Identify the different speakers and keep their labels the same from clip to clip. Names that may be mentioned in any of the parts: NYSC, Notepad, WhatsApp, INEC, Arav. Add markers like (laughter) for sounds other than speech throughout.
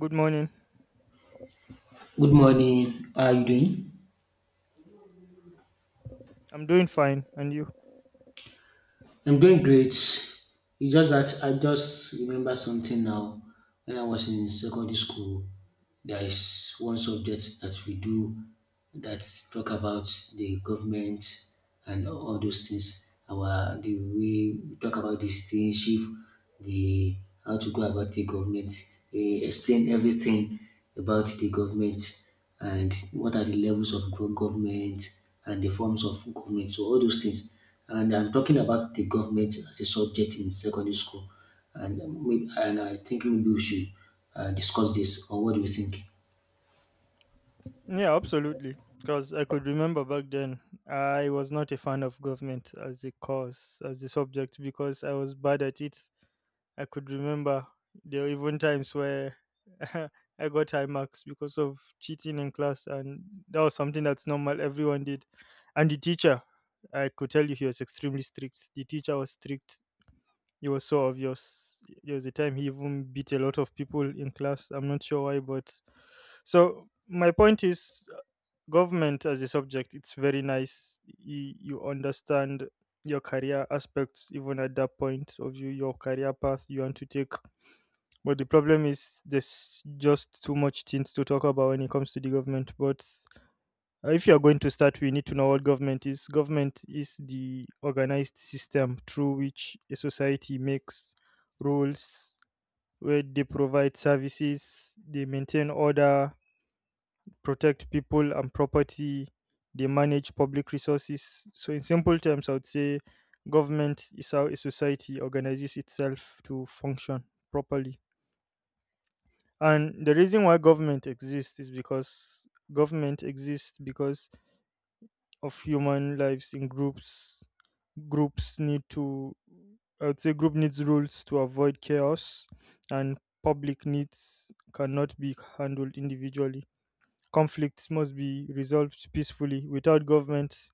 Speaker 1: Good morning.
Speaker 2: Good morning. How are you doing?
Speaker 1: I'm doing fine. And you?
Speaker 2: I'm doing great. It's just that I just remember something now. When I was in secondary school, there is one subject that we do that talk about the government and all those things. Our the way we talk about the citizenship, the how to go about the government. They explain everything about the government. And what are the levels of government and the forms of government. So all those things. And I'm talking about the government as a subject in secondary school. And I think maybe we should discuss this. Or what do you think?
Speaker 1: Yeah, absolutely. Because I could remember back then, I was not a fan of government as a course, as a subject, because I was bad at it. I could remember there were even times where (laughs) I got high marks because of cheating in class, and that was something that's normal, everyone did. And the teacher, I could tell you, he was extremely strict. The teacher was strict. It was sort of your s- There was a time he even beat a lot of people in class. I'm not sure why, but so my point is, government as a subject, it's very nice. You understand your career aspects, even at that point of your career path you want to take. But the problem is, there's just too much things to talk about when it comes to the government. But If you are going to start, we need to know what government is. Government is the organized system through which a society makes rules, where they provide services, they maintain order, protect people and property, they manage public resources. So, in simple terms, I would say government is how a society organizes itself to function properly. And the reason why government exists because of human lives in groups. Groups need to I would say group needs rules to avoid chaos, and public needs cannot be handled individually. Conflicts must be resolved peacefully. Without government,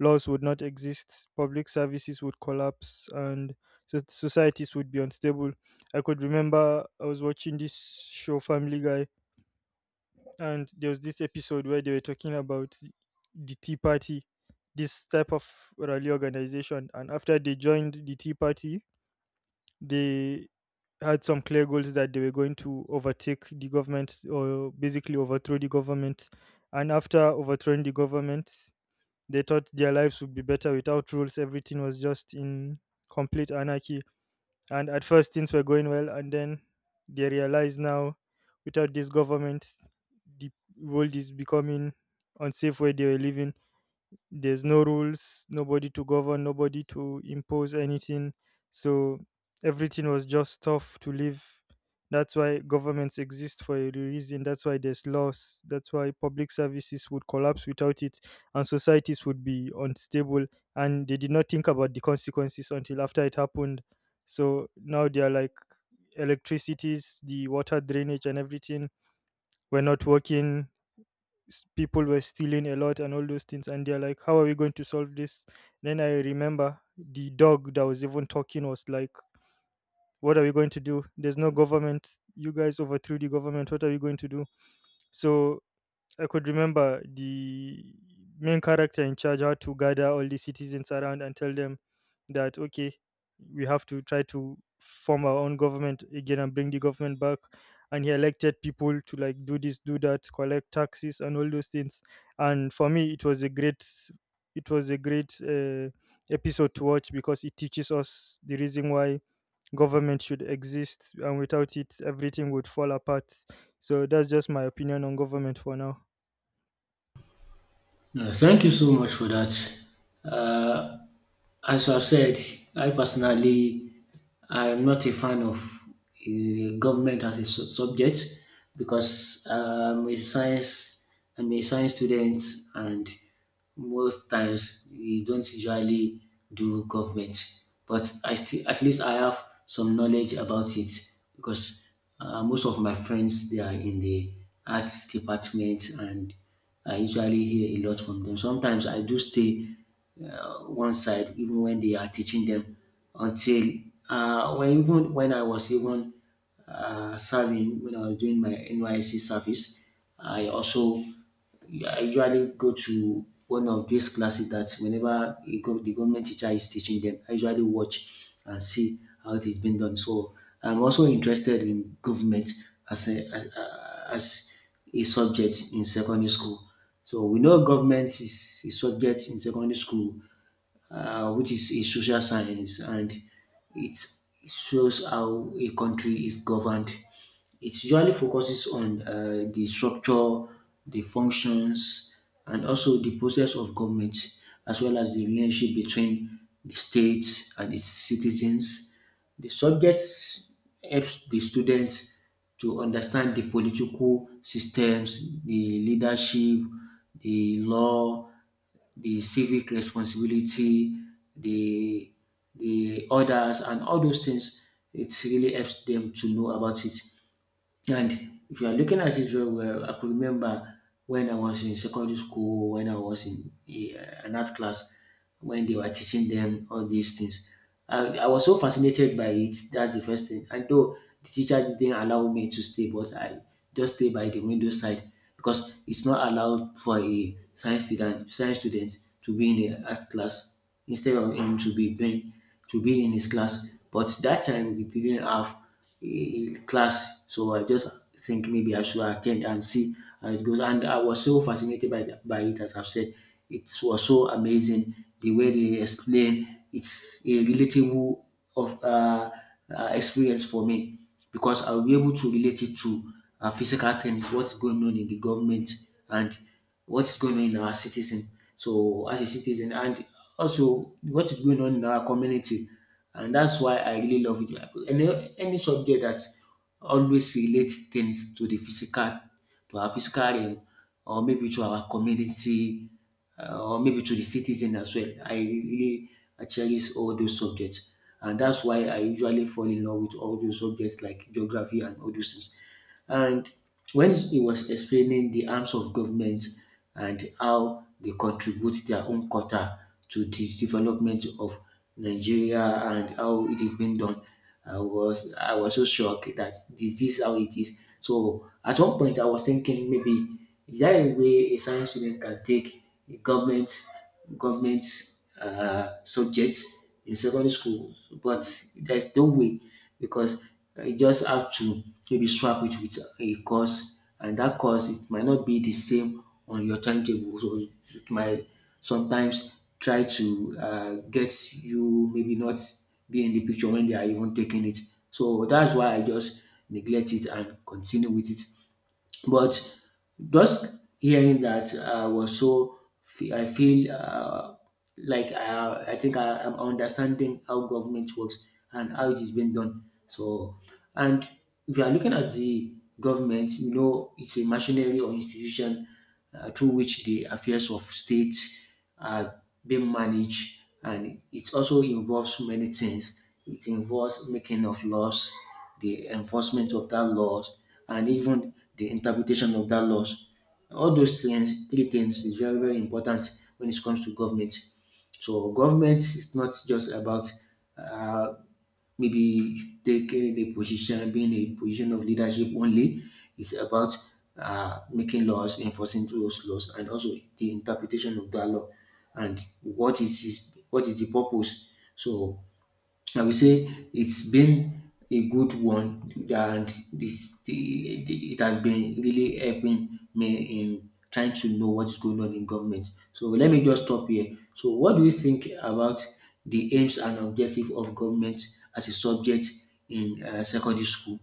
Speaker 1: laws would not exist, public services would collapse, and societies would be unstable. I could remember I was watching this show, Family Guy, and there was this episode where they were talking about the Tea Party, this type of rally organization, and after they joined the Tea Party, they had some clear goals that they were going to overtake the government, or basically overthrow the government. And after overthrowing the government, they thought their lives would be better without rules. Everything was just in complete anarchy. And at first, things were going well, and then they realize now, without this government, the world is becoming unsafe. Where they were living, there's no rules, nobody to govern, nobody to impose anything. So everything was just stuff to live. That's why governments exist for a reason. That's why there's laws. That's why public services would collapse without it, and societies would be unstable. And they did not think about the consequences until after it happened. So now they are like, electricities, the water, drainage, and everything were not working. People were stealing a lot and all those things, and they're like, how are we going to solve this? Then I remember the dog that was even talking was like, what are we going to do? There's no government. You guys overthrew the government. What are we going to do? So I could remember the main character in charge had to gather all the citizens around and tell them that, okay, we have to try to form our own government again and bring the government back. And he elected people to like do this, do that, collect taxes, and all those things. And for me, it was a great, it was a great uh, episode to watch, because it teaches us the reason why government should exist, and without it everything would fall apart. So that's just my opinion on government for now.
Speaker 2: Yeah, thank you so much for that. Uh, As I've said, I personally, I'm not a fan of government as a subject because a science I'm a science student, and most times we don't usually do government, but I still at least I have some knowledge about it because most of my friends, they are in the arts department, and I usually hear a lot from them. Sometimes I do stay one side even when they are teaching them. Until when even when I was even serving, when I was doing my NYSC service, I also I usually go to one of these classes that whenever the government teacher is teaching them, I usually watch and see how it is being done. So I'm also interested in government as a subject in secondary school. So we know government is a subject in secondary school, which is a social science, and it shows how a country is governed. It usually focuses on the structure, the functions, and also the process of government, as well as the relationship between the state and its citizens. The subjects helps the students to understand the political systems, the leadership, the law, the civic responsibility, the the others, and all those things. It really helps them to know about it. And if you are looking at it very well, I could remember, when I was in secondary school, when I was in an art class, when they were teaching them all these things, I was so fascinated by it. That's the first thing. And though the teacher didn't allow me to stay, but I just stay by the window side, because it's not allowed for a science student to be in the art class instead of him to be in his class. But that time we didn't have a class. So I just think maybe I should attend and see how it goes. And I was so fascinated by it, as I've said. It was so amazing the way they explain. It's a relatable of experience for me, because I'll be able to relate it to physical things, what's going on in the government, and what's going on in our citizen. So as a citizen, and also what is going on in our community, and that's why I really love it. Any subject that always relates things to the physical, to our physical realm, or maybe to our community, or maybe to the citizen as well. I cherish all those subjects, and that's why I usually fall in love with all those subjects like geography and all those things. And when he was explaining the arms of government and how they contribute their own quota to the development of Nigeria and how it is being done, I was so shocked that this is how it is. So at one point I was thinking, maybe is there a way a science student can take a government government subjects in secondary school? But there's no way, because you just have to maybe swap it with a course, and that course, it might not be the same on your timetable. So it might sometimes try to get you, maybe not be in the picture when they are even taking it. So that's why I just neglect it and continue with it. But just hearing that, I was so fe- I feel like I think I am understanding how government works and how it is being done. So, and if you are looking at the government, you know it's a machinery or institution through which the affairs of states uh, being managed, and it also involves many things. It involves making of laws, the enforcement of that laws, and even the interpretation of that laws. All those things, three things, is very very important when it comes to government. So government is not just about uh, maybe taking a position, being a position of leadership only. It's about making laws, enforcing those laws, and also the interpretation of that law, and what is the purpose. So I will say it's been a good one, and it has been really helping me in trying to know what's going on in government. So let me just stop here. So what do you think about the aims and objective of government as a subject in secondary school?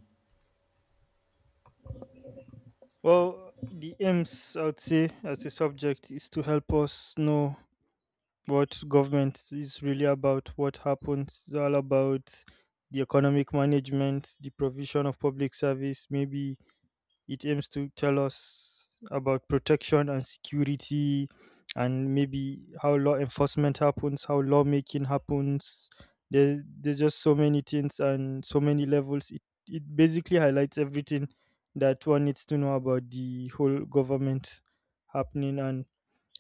Speaker 1: Well, the aims, I would say as a subject, is to help us know what government is really about, what happens. It's all about the economic management, the provision of public service, maybe. It aims to tell us about protection and security, and maybe how law enforcement happens, how lawmaking happens. There's just so many things and so many levels. It basically highlights everything that one needs to know about the whole government happening. And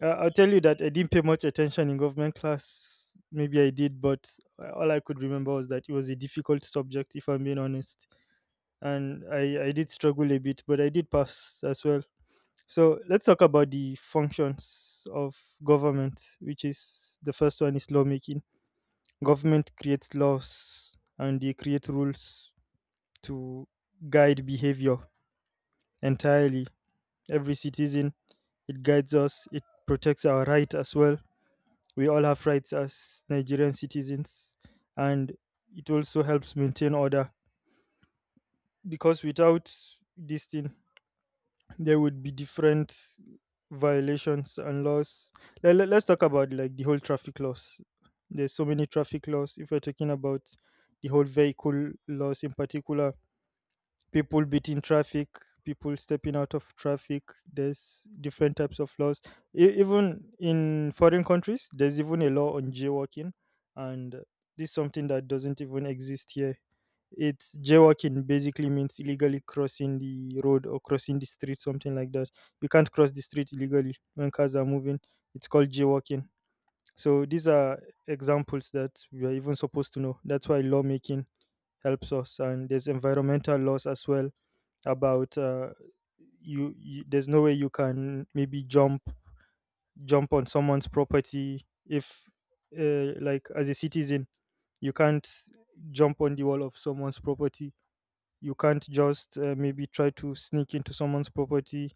Speaker 1: I'll tell you that I didn't pay much attention in government class. Maybe I did, but all I could remember was that it was a difficult subject, if I'm being honest. And I did struggle a bit, but I did pass as well. So let's talk about the functions of government, which is, the first one is lawmaking. Government creates laws and they create rules to guide behavior entirely. Every citizen, it guides us, it protects our right as well. We all have rights as Nigerian citizens, and it also helps maintain order, because without this thing, there would be different violations and laws. Let us talk about like the whole traffic laws. There's so many traffic laws. If we're talking about the whole vehicle laws in particular, people beating traffic, people stepping out of traffic, there's different types of laws. Even in foreign countries, there's even a law on jaywalking, and this is something that doesn't even exist here. It's, jaywalking basically means illegally crossing the road or crossing the street, something like that. You can't cross the street illegally when cars are moving. It's called jaywalking. So these are examples that we are even supposed to know. That's why lawmaking helps us. And there's environmental laws as well. About you, you there's no way you can maybe jump on someone's property. If like, as a citizen, you can't jump on the wall of someone's property. You can't just maybe try to sneak into someone's property,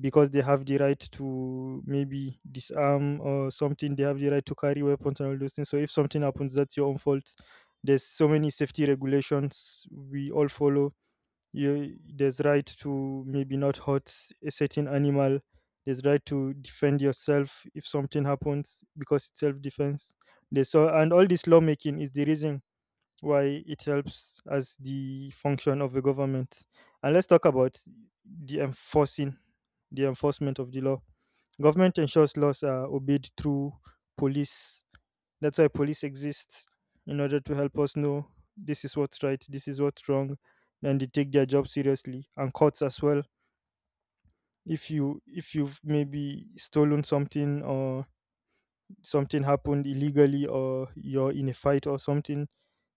Speaker 1: because they have the right to maybe disarm, or something. They have the right to carry weapons and all those things. So if something happens, that's your own fault. There's so many safety regulations we all follow. There's right to maybe not hurt a certain animal. There's right to defend yourself if something happens, because it's self-defense. They saw, and all this lawmaking is the reason why it helps as the function of the government. And let's talk about the enforcing, the enforcement of the law. Government ensures laws are obeyed through police. That's why police exist, in order to help us know, this is what's right, this is what's wrong, and they take their job seriously. And courts as well. If you, if you've maybe stolen something, or something happened illegally, or you're in a fight or something,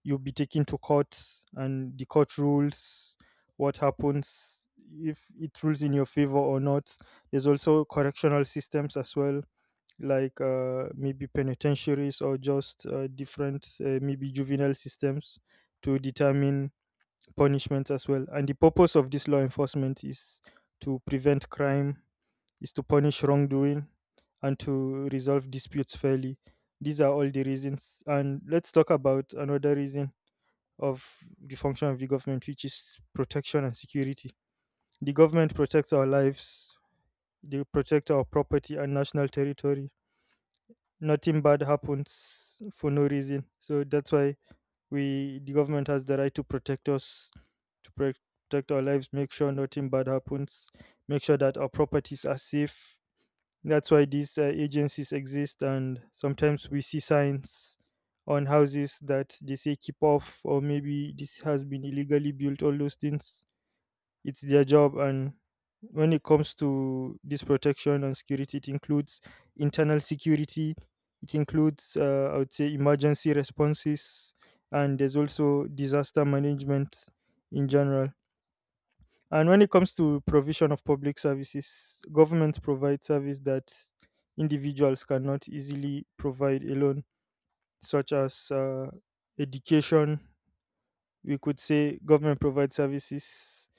Speaker 1: you'll be taken to court, and the court rules. What happens, if it rules in your favor or not. There's also correctional systems as well, like maybe penitentiaries, or just different maybe juvenile systems, to determine punishments as well. And the purpose of this law enforcement is to prevent crime, is to punish wrongdoing, and to resolve disputes fairly. These are all the reasons. And let's talk about another reason of the function of the government, which is protection and security. The government protects our lives, they protect our property and national territory. Nothing bad happens for no reason. So that's why we, the government has the right to protect us, to protect our lives, make sure nothing bad happens, make sure that our properties are safe. That's why these agencies exist. And sometimes we see signs on houses that they say keep off, or maybe this has been illegally built, all those things. It's their job. And when it comes to this protection and security, it includes internal security, it includes, I would say, emergency responses, and there's also disaster management in general. And when it comes to provision of public services, government provides service that individuals cannot easily provide alone, such as education. We could say government provides services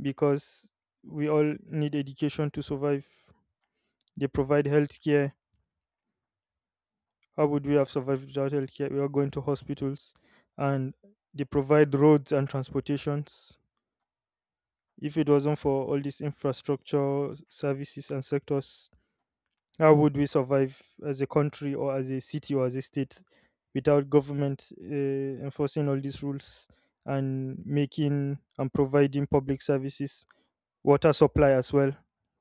Speaker 1: because we all need education to survive. They provide healthcare. How would we have survived without healthcare? We are going to hospitals, and they provide roads and transportations. If it wasn't for all these infrastructure services and sectors, how would we survive as a country, or as a city, or as a state, without government enforcing all these rules and making and providing public services, water supply as well,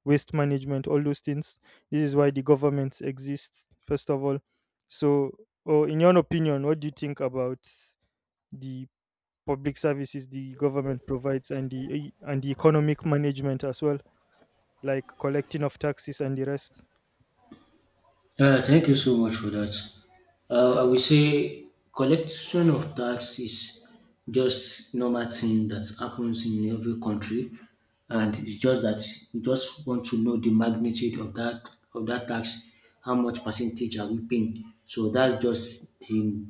Speaker 1: waste management, all those things? This is why the government exists, first of all. So, or in your opinion, what do you think about the public services the government provides, and the economic management as well? Like collecting of taxes and the rest.
Speaker 2: Thank you so much for that. I will say collection of tax is just normal thing that happens in every country, and it's just that we just want to know the magnitude of that tax, how much percentage are we paying. So that's just the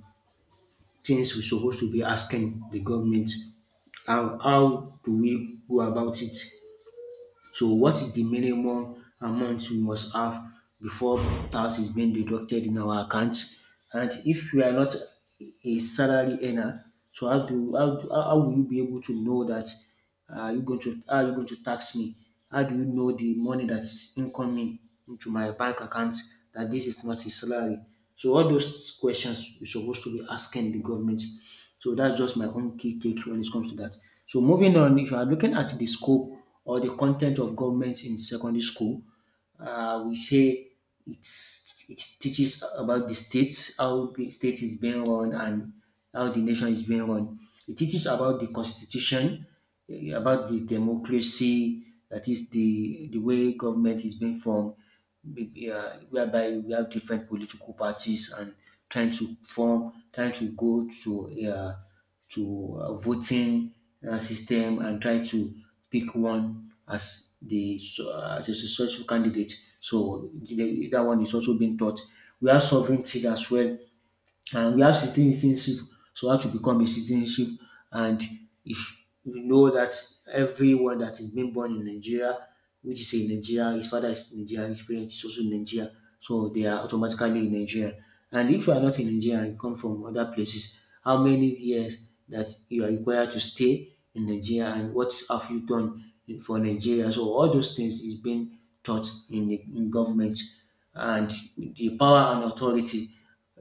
Speaker 2: things we're supposed to be asking the government. How do we go about it? So what is the minimum amount we must have before tax is being deducted in our account? And if we are not a salary earner, so how do how, do- how will you be able to know that, you going to how you going to tax me? How do you know the money that is incoming into my bank account, that this is not a salary? So all those questions you're supposed to be asking the government. So that's just my own key take when it comes to that. So moving on, if you are looking at the scope or the content of government in secondary school, we say it teaches about the states, how the state is being run and how the nation is being run. It teaches about the constitution, about the democracy, that is the way government is being formed, whereby we have different political parties, and trying to go to voting system and try to pick one as the as a successful candidate. So that one is also being taught. We have sovereignty as well, and we have citizenship. So how to become a citizenship, and if you know that everyone that is being born in Nigeria, which is in Nigeria, his father is Nigerian, his parents is also in Nigeria, so they are automatically in Nigeria. And if you are not in Nigeria and you come from other places, how many years that you are required to stay in Nigeria, and what have you done for Nigeria? So all those things is being taught in the in government, and the power and authority,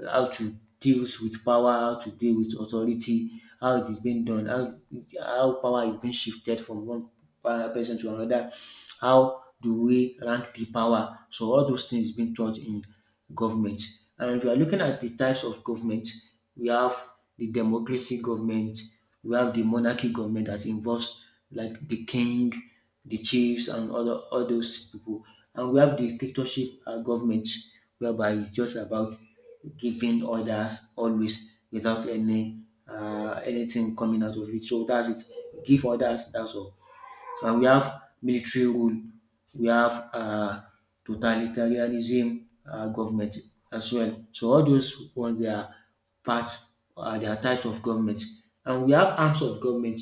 Speaker 2: how to deal with power, how to deal with authority, how it is being done, how power is being shifted from one person to another, how do we rank the power? So all those things being taught in government. And if you are looking at the types of government, we have the democracy government, we have the monarchy government that involves like the king, the chiefs, and all those people. And we have the dictatorship government, whereby it's just about giving others always without any anything coming out of it. So that's it. Give others. That's all. And we have military rule. We have totalitarianism government as well. So all those ones, they are part. They are types of government. And we have arms of government.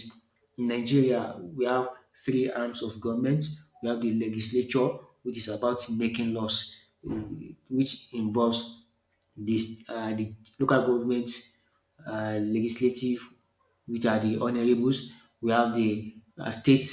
Speaker 2: In Nigeria, we have three arms of government. We have the legislature, which is about making laws, which involves this the local government legislative, which are the honorables. We have the state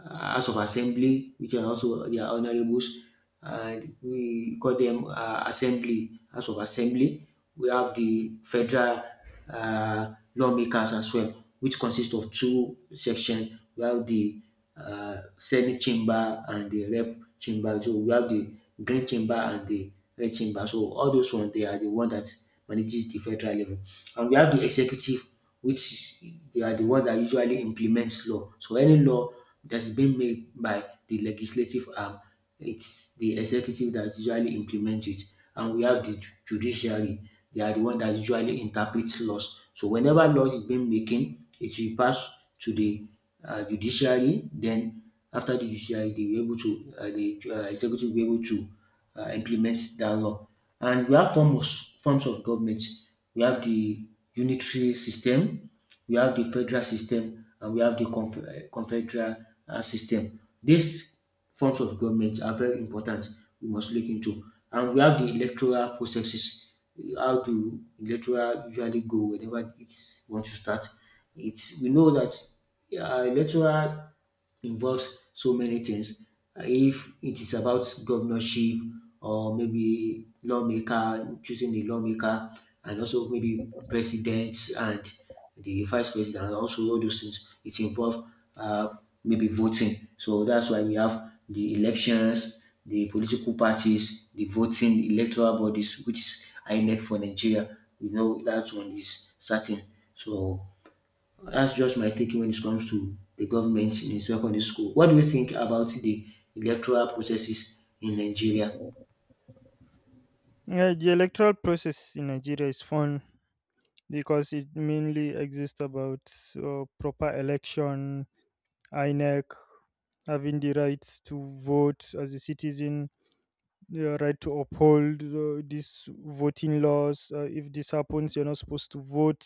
Speaker 2: house of assembly, which are also their honorables, and we call them assembly, house of assembly. We have the federal lawmakers as well, which consists of two sections. We have the Senate chamber and the Rep chamber. So we have the Green chamber and the Red chamber. So all those ones, they are the one that manages the federal level. And we have the executive, which they are the one that usually implements law. So any law that's been made by the legislative arm, it's the executive that usually implements it. And we have the judiciary, they are the one that usually interprets laws. So whenever laws is being making, it will pass to the judiciary. Then after the judiciary, they will be able to the executive will be able to implements that law. And we have forms of government. We have the unitary system, we have the federal system, and we have the confederal system. These forms of government are very important. We must look into, and we have the electoral processes. How do electoral usually go whenever it wants to start? It's we know that electoral involves so many things. If it is about governorship or maybe lawmaker, choosing the lawmaker, and also maybe president and the vice president, and also all those things, it involves uh, maybe voting. So that's why we have the elections, the political parties, the voting, electoral bodies, which is INEC for Nigeria. We know that one is certain. So that's just my thinking when it comes to the government in secondary school. What do you think about the electoral processes in Nigeria?
Speaker 1: Yeah, the electoral process in Nigeria is fun, because it mainly exists about proper election, INEC, having the right to vote as a citizen, your right to uphold these voting laws. If this happens, you're not supposed to vote.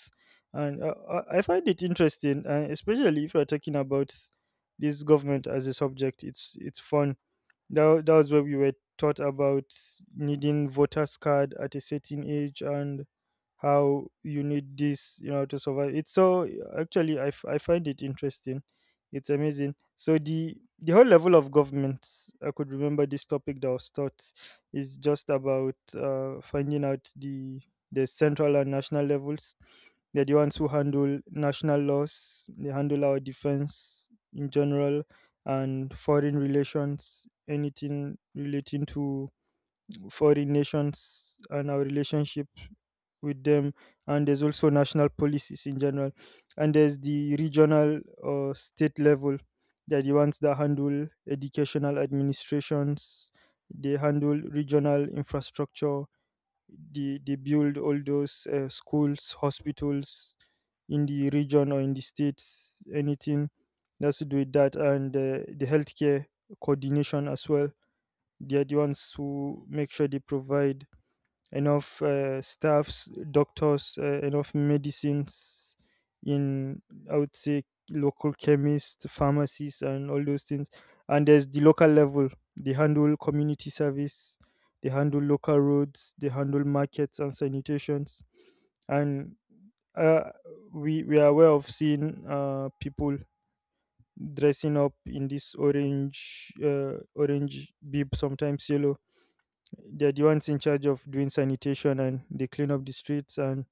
Speaker 1: And I find it interesting, and especially if you're talking about this government as a subject, it's fun. That was what we were taught about, needing voter's card at a certain age, and how you need this, you know, to survive. It's so, actually I find it interesting. It's amazing. So the whole level of government, I could remember this topic that was taught is just about finding out the central and national levels. They're the ones who handle national laws. They handle our defense in general and foreign relations, anything relating to foreign nations and our relationship with them. And there's also national policies in general. And there's the regional or state level. They're the ones that handle educational administrations, they handle regional infrastructure, they build all those schools, hospitals in the region or in the states, anything that's to do with that, and the healthcare coordination as well. They are the ones who make sure they provide enough staffs, doctors, enough medicines in, I would say, local chemists, pharmacies, and all those things. And there's the local level, they handle community service, they handle local roads, they handle markets and sanitations. And uh, we are aware of seeing people dressing up in this orange orange bib, sometimes yellow. They're the ones in charge of doing sanitation, and they clean up the streets, and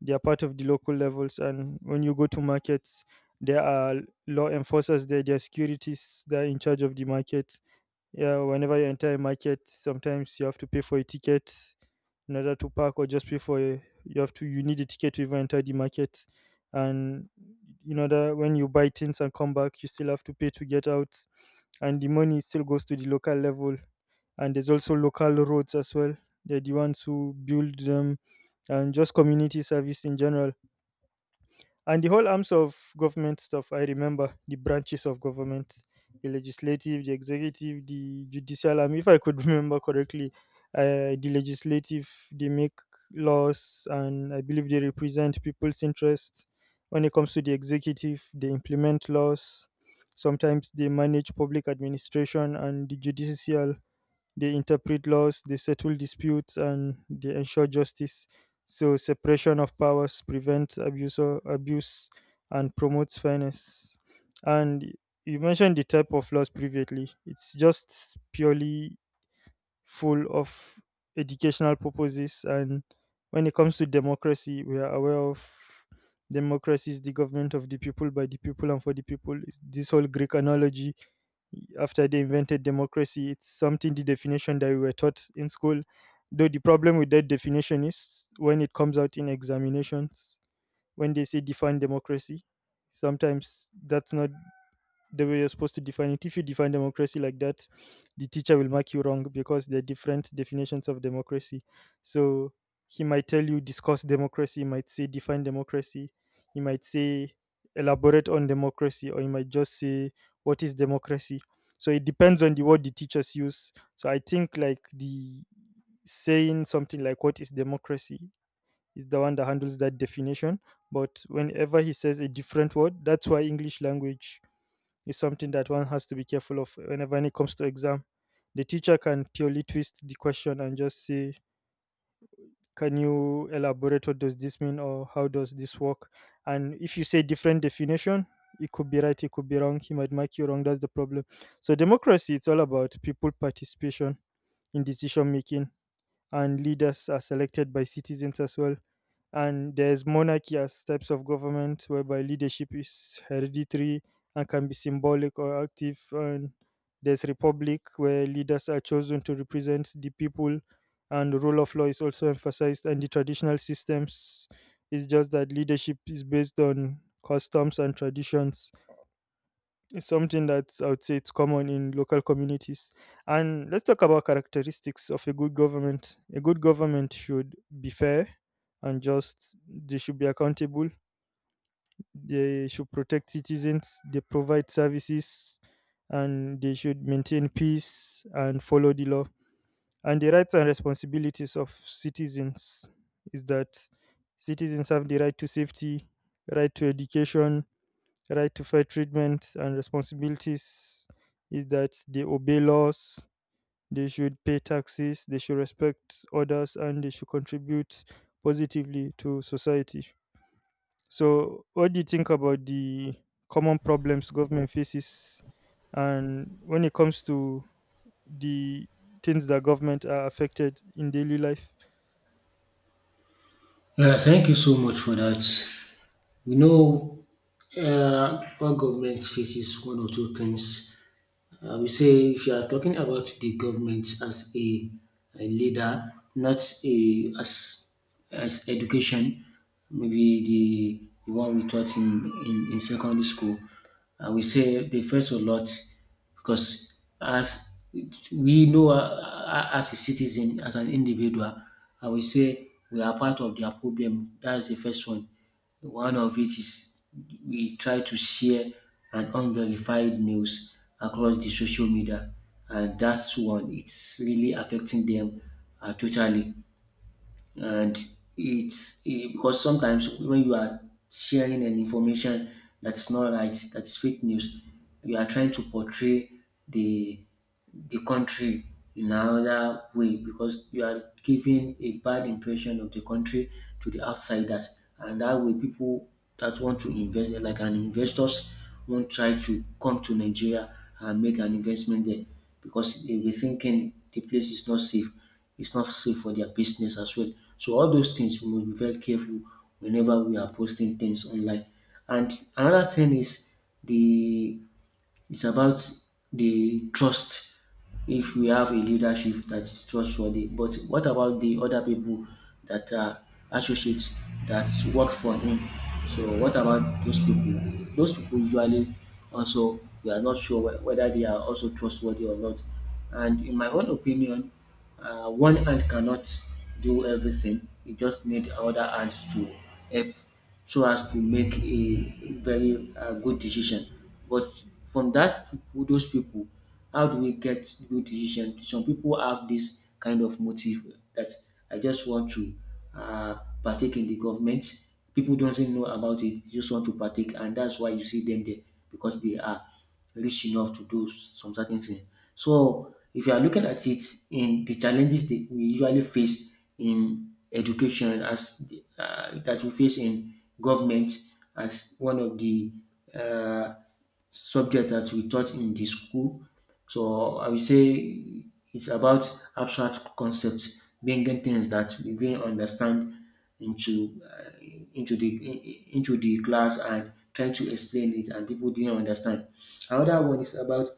Speaker 1: they are part of the local levels. And when you go to markets, there are law enforcers there, there are securities that are in charge of the market. Yeah, whenever you enter a market, sometimes you have to pay for a ticket in order to park, or just pay for a, you have to, you need a ticket to even enter the market. And you know that when you buy things and come back, you still have to pay to get out, and the money still goes to the local level. And there's also local roads as well, they're the ones who build them, and just community service in general. And the whole arms of government stuff, I remember the branches of government, the legislative, the executive, the judicial arm. If I could (laughs) remember correctly, the legislative, they make laws, and I believe they represent people's interests. When it comes to the executive, they implement laws. Sometimes they manage public administration, and the judicial, they interpret laws, they settle disputes, and they ensure justice. So, separation of powers prevents abuse, or abuse, and promotes fairness. And you mentioned the type of laws previously. It's just purely full of educational purposes. And when it comes to democracy, we are aware of democracy is the government of the people, by the people, and for the people. It's this whole Greek analogy after they invented democracy. It's something, the definition, that we were taught in school. Though the problem with that definition is when it comes out in examinations, when they say define democracy, sometimes that's not the way you're supposed to define it. If you define democracy like that, the teacher will mark you wrong because there are different definitions of democracy. So he might tell you discuss democracy, he might say define democracy, he might say elaborate on democracy, or he might just say what is democracy. So it depends on the word the teachers use. So I think like the saying something like what is democracy is the one that handles that definition. But whenever he says a different word, that's why English language is something that one has to be careful of whenever it comes to exam. The teacher can purely twist the question and just say, "Can you elaborate what does this mean or how does this work?" And if you say different definition, it could be right, it could be wrong. He might mark you wrong. That's the problem. So democracy, it's all about people participation in decision making, and leaders are selected by citizens as well. And there's monarchy as types of government, whereby leadership is hereditary and can be symbolic or active. And there's republic, where leaders are chosen to represent the people, and the rule of law is also emphasized. And the traditional systems is just that leadership is based on customs and traditions. It's something that I would say it's common in local communities. And let's talk about characteristics of a good government. A good government should be fair and just. They should be accountable. They should protect citizens. They provide services, and they should maintain peace and follow the law. And the rights and responsibilities of citizens is that citizens have the right to safety, right to education, right to fair treatment, and responsibilities is that they obey laws, they should pay taxes, they should respect others, and they should contribute positively to society. So, what do you think about the common problems government faces, and when it comes to the things that government are affected in daily life?
Speaker 2: Yeah, thank you so much for that. We know all government faces one or two things. I will say if you are talking about the government as a leader, not a as education, maybe the one we taught in secondary school, I will say they face a lot because as we know as a citizen, as an individual, I will say we are part of their problem. That's the first one. One of it is we try to share an unverified news across the social media, and that's one it's really affecting them totally, and because sometimes when you are sharing an information that's not right, that's fake news, you are trying to portray the the country in another way because you are giving a bad impression of the country to the outsiders, and that way people that want to invest, like an investors, won't try to come to Nigeria and make an investment there because they will be thinking the place is not safe, it's not safe for their business as well. So all those things we must be very careful whenever we are posting things online. And another thing is the it's about the trust. If we have a leadership that is trustworthy, but what about the other people that are associates that work for him? So what about those people? Those people usually also we are not sure whether they are also trustworthy or not. And in my own opinion, one hand cannot do everything. You just need other hands to help so as to make a very good decision. But from that those people. How do we get good decision? Some people have this kind of motive that I just want to uh, partake in the government. People don't even know about it; they just want to partake, and that's why you see them there because they are rich enough to do some certain things. So if you are looking at it in the challenges that we usually face in education as that we face in government as one of the uh, subject that we taught in the school. So I would say it's about abstract concepts, bringing things that we didn't understand into uh, into the class and trying to explain it, and people didn't understand. Another one is about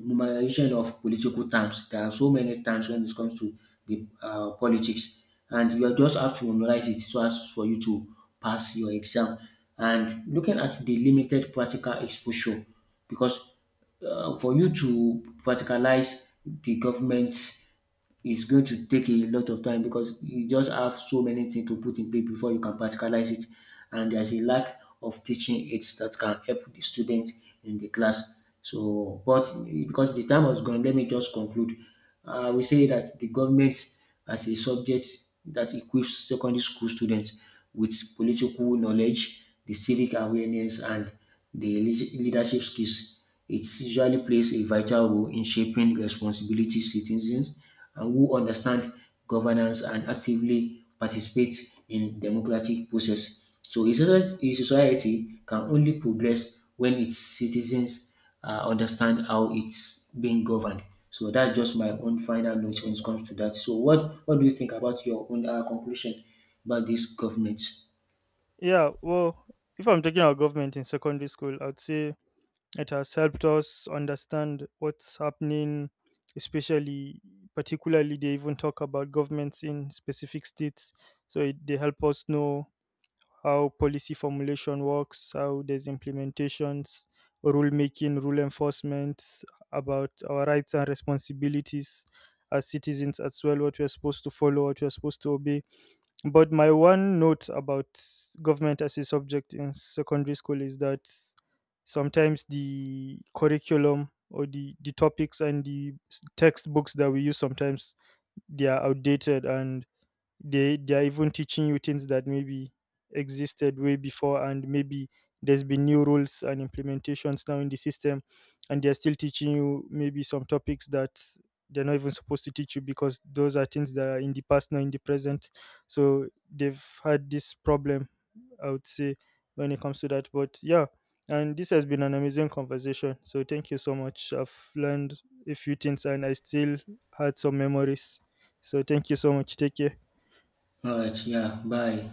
Speaker 2: memorization of political terms. There are so many terms when it comes to the politics, and you just have to memorize it so as for you to pass your exam. And looking at the limited practical exposure, because for you to practicalize the government's, it's going to take a lot of time because you just have so many things to put in place before you can practicalize it. And there's a lack of teaching aids that can help the students in the class. So, but because the time was gone, let me just conclude. We say that the government as a subject that equips secondary school students with political knowledge, the civic awareness, and the leadership skills. It usually plays a vital role in shaping responsibility citizens and who understand governance and actively participate in democratic process. So a a society can only progress when its citizens understand how it's being governed. So that's just my own final note when it comes to that. So what do you think about your own conclusion about this government?
Speaker 1: Yeah, well, if I'm talking about government in secondary school, I'd say it has helped us understand what's happening, especially, particularly, they even talk about governments in specific states. So it, they help us know how policy formulation works, how there's implementations, rule making, rule enforcement, about our rights and responsibilities as citizens as well, what we're supposed to follow, what we're supposed to obey. But my one note about government as a subject in secondary school is that sometimes the curriculum or the topics and the textbooks that we use sometimes, they are outdated, and they are even teaching you things that maybe existed way before, and maybe there's been new rules and implementations now in the system, and they're still teaching you maybe some topics that they're not even supposed to teach you because those are things that are in the past, not in the present. So they've had this problem, I would say, when it comes to that. But yeah, and this has been an amazing conversation, so thank you so much. I've learned a few things, and I still had some memories. So thank you so much, take care.
Speaker 2: All right, yeah, bye.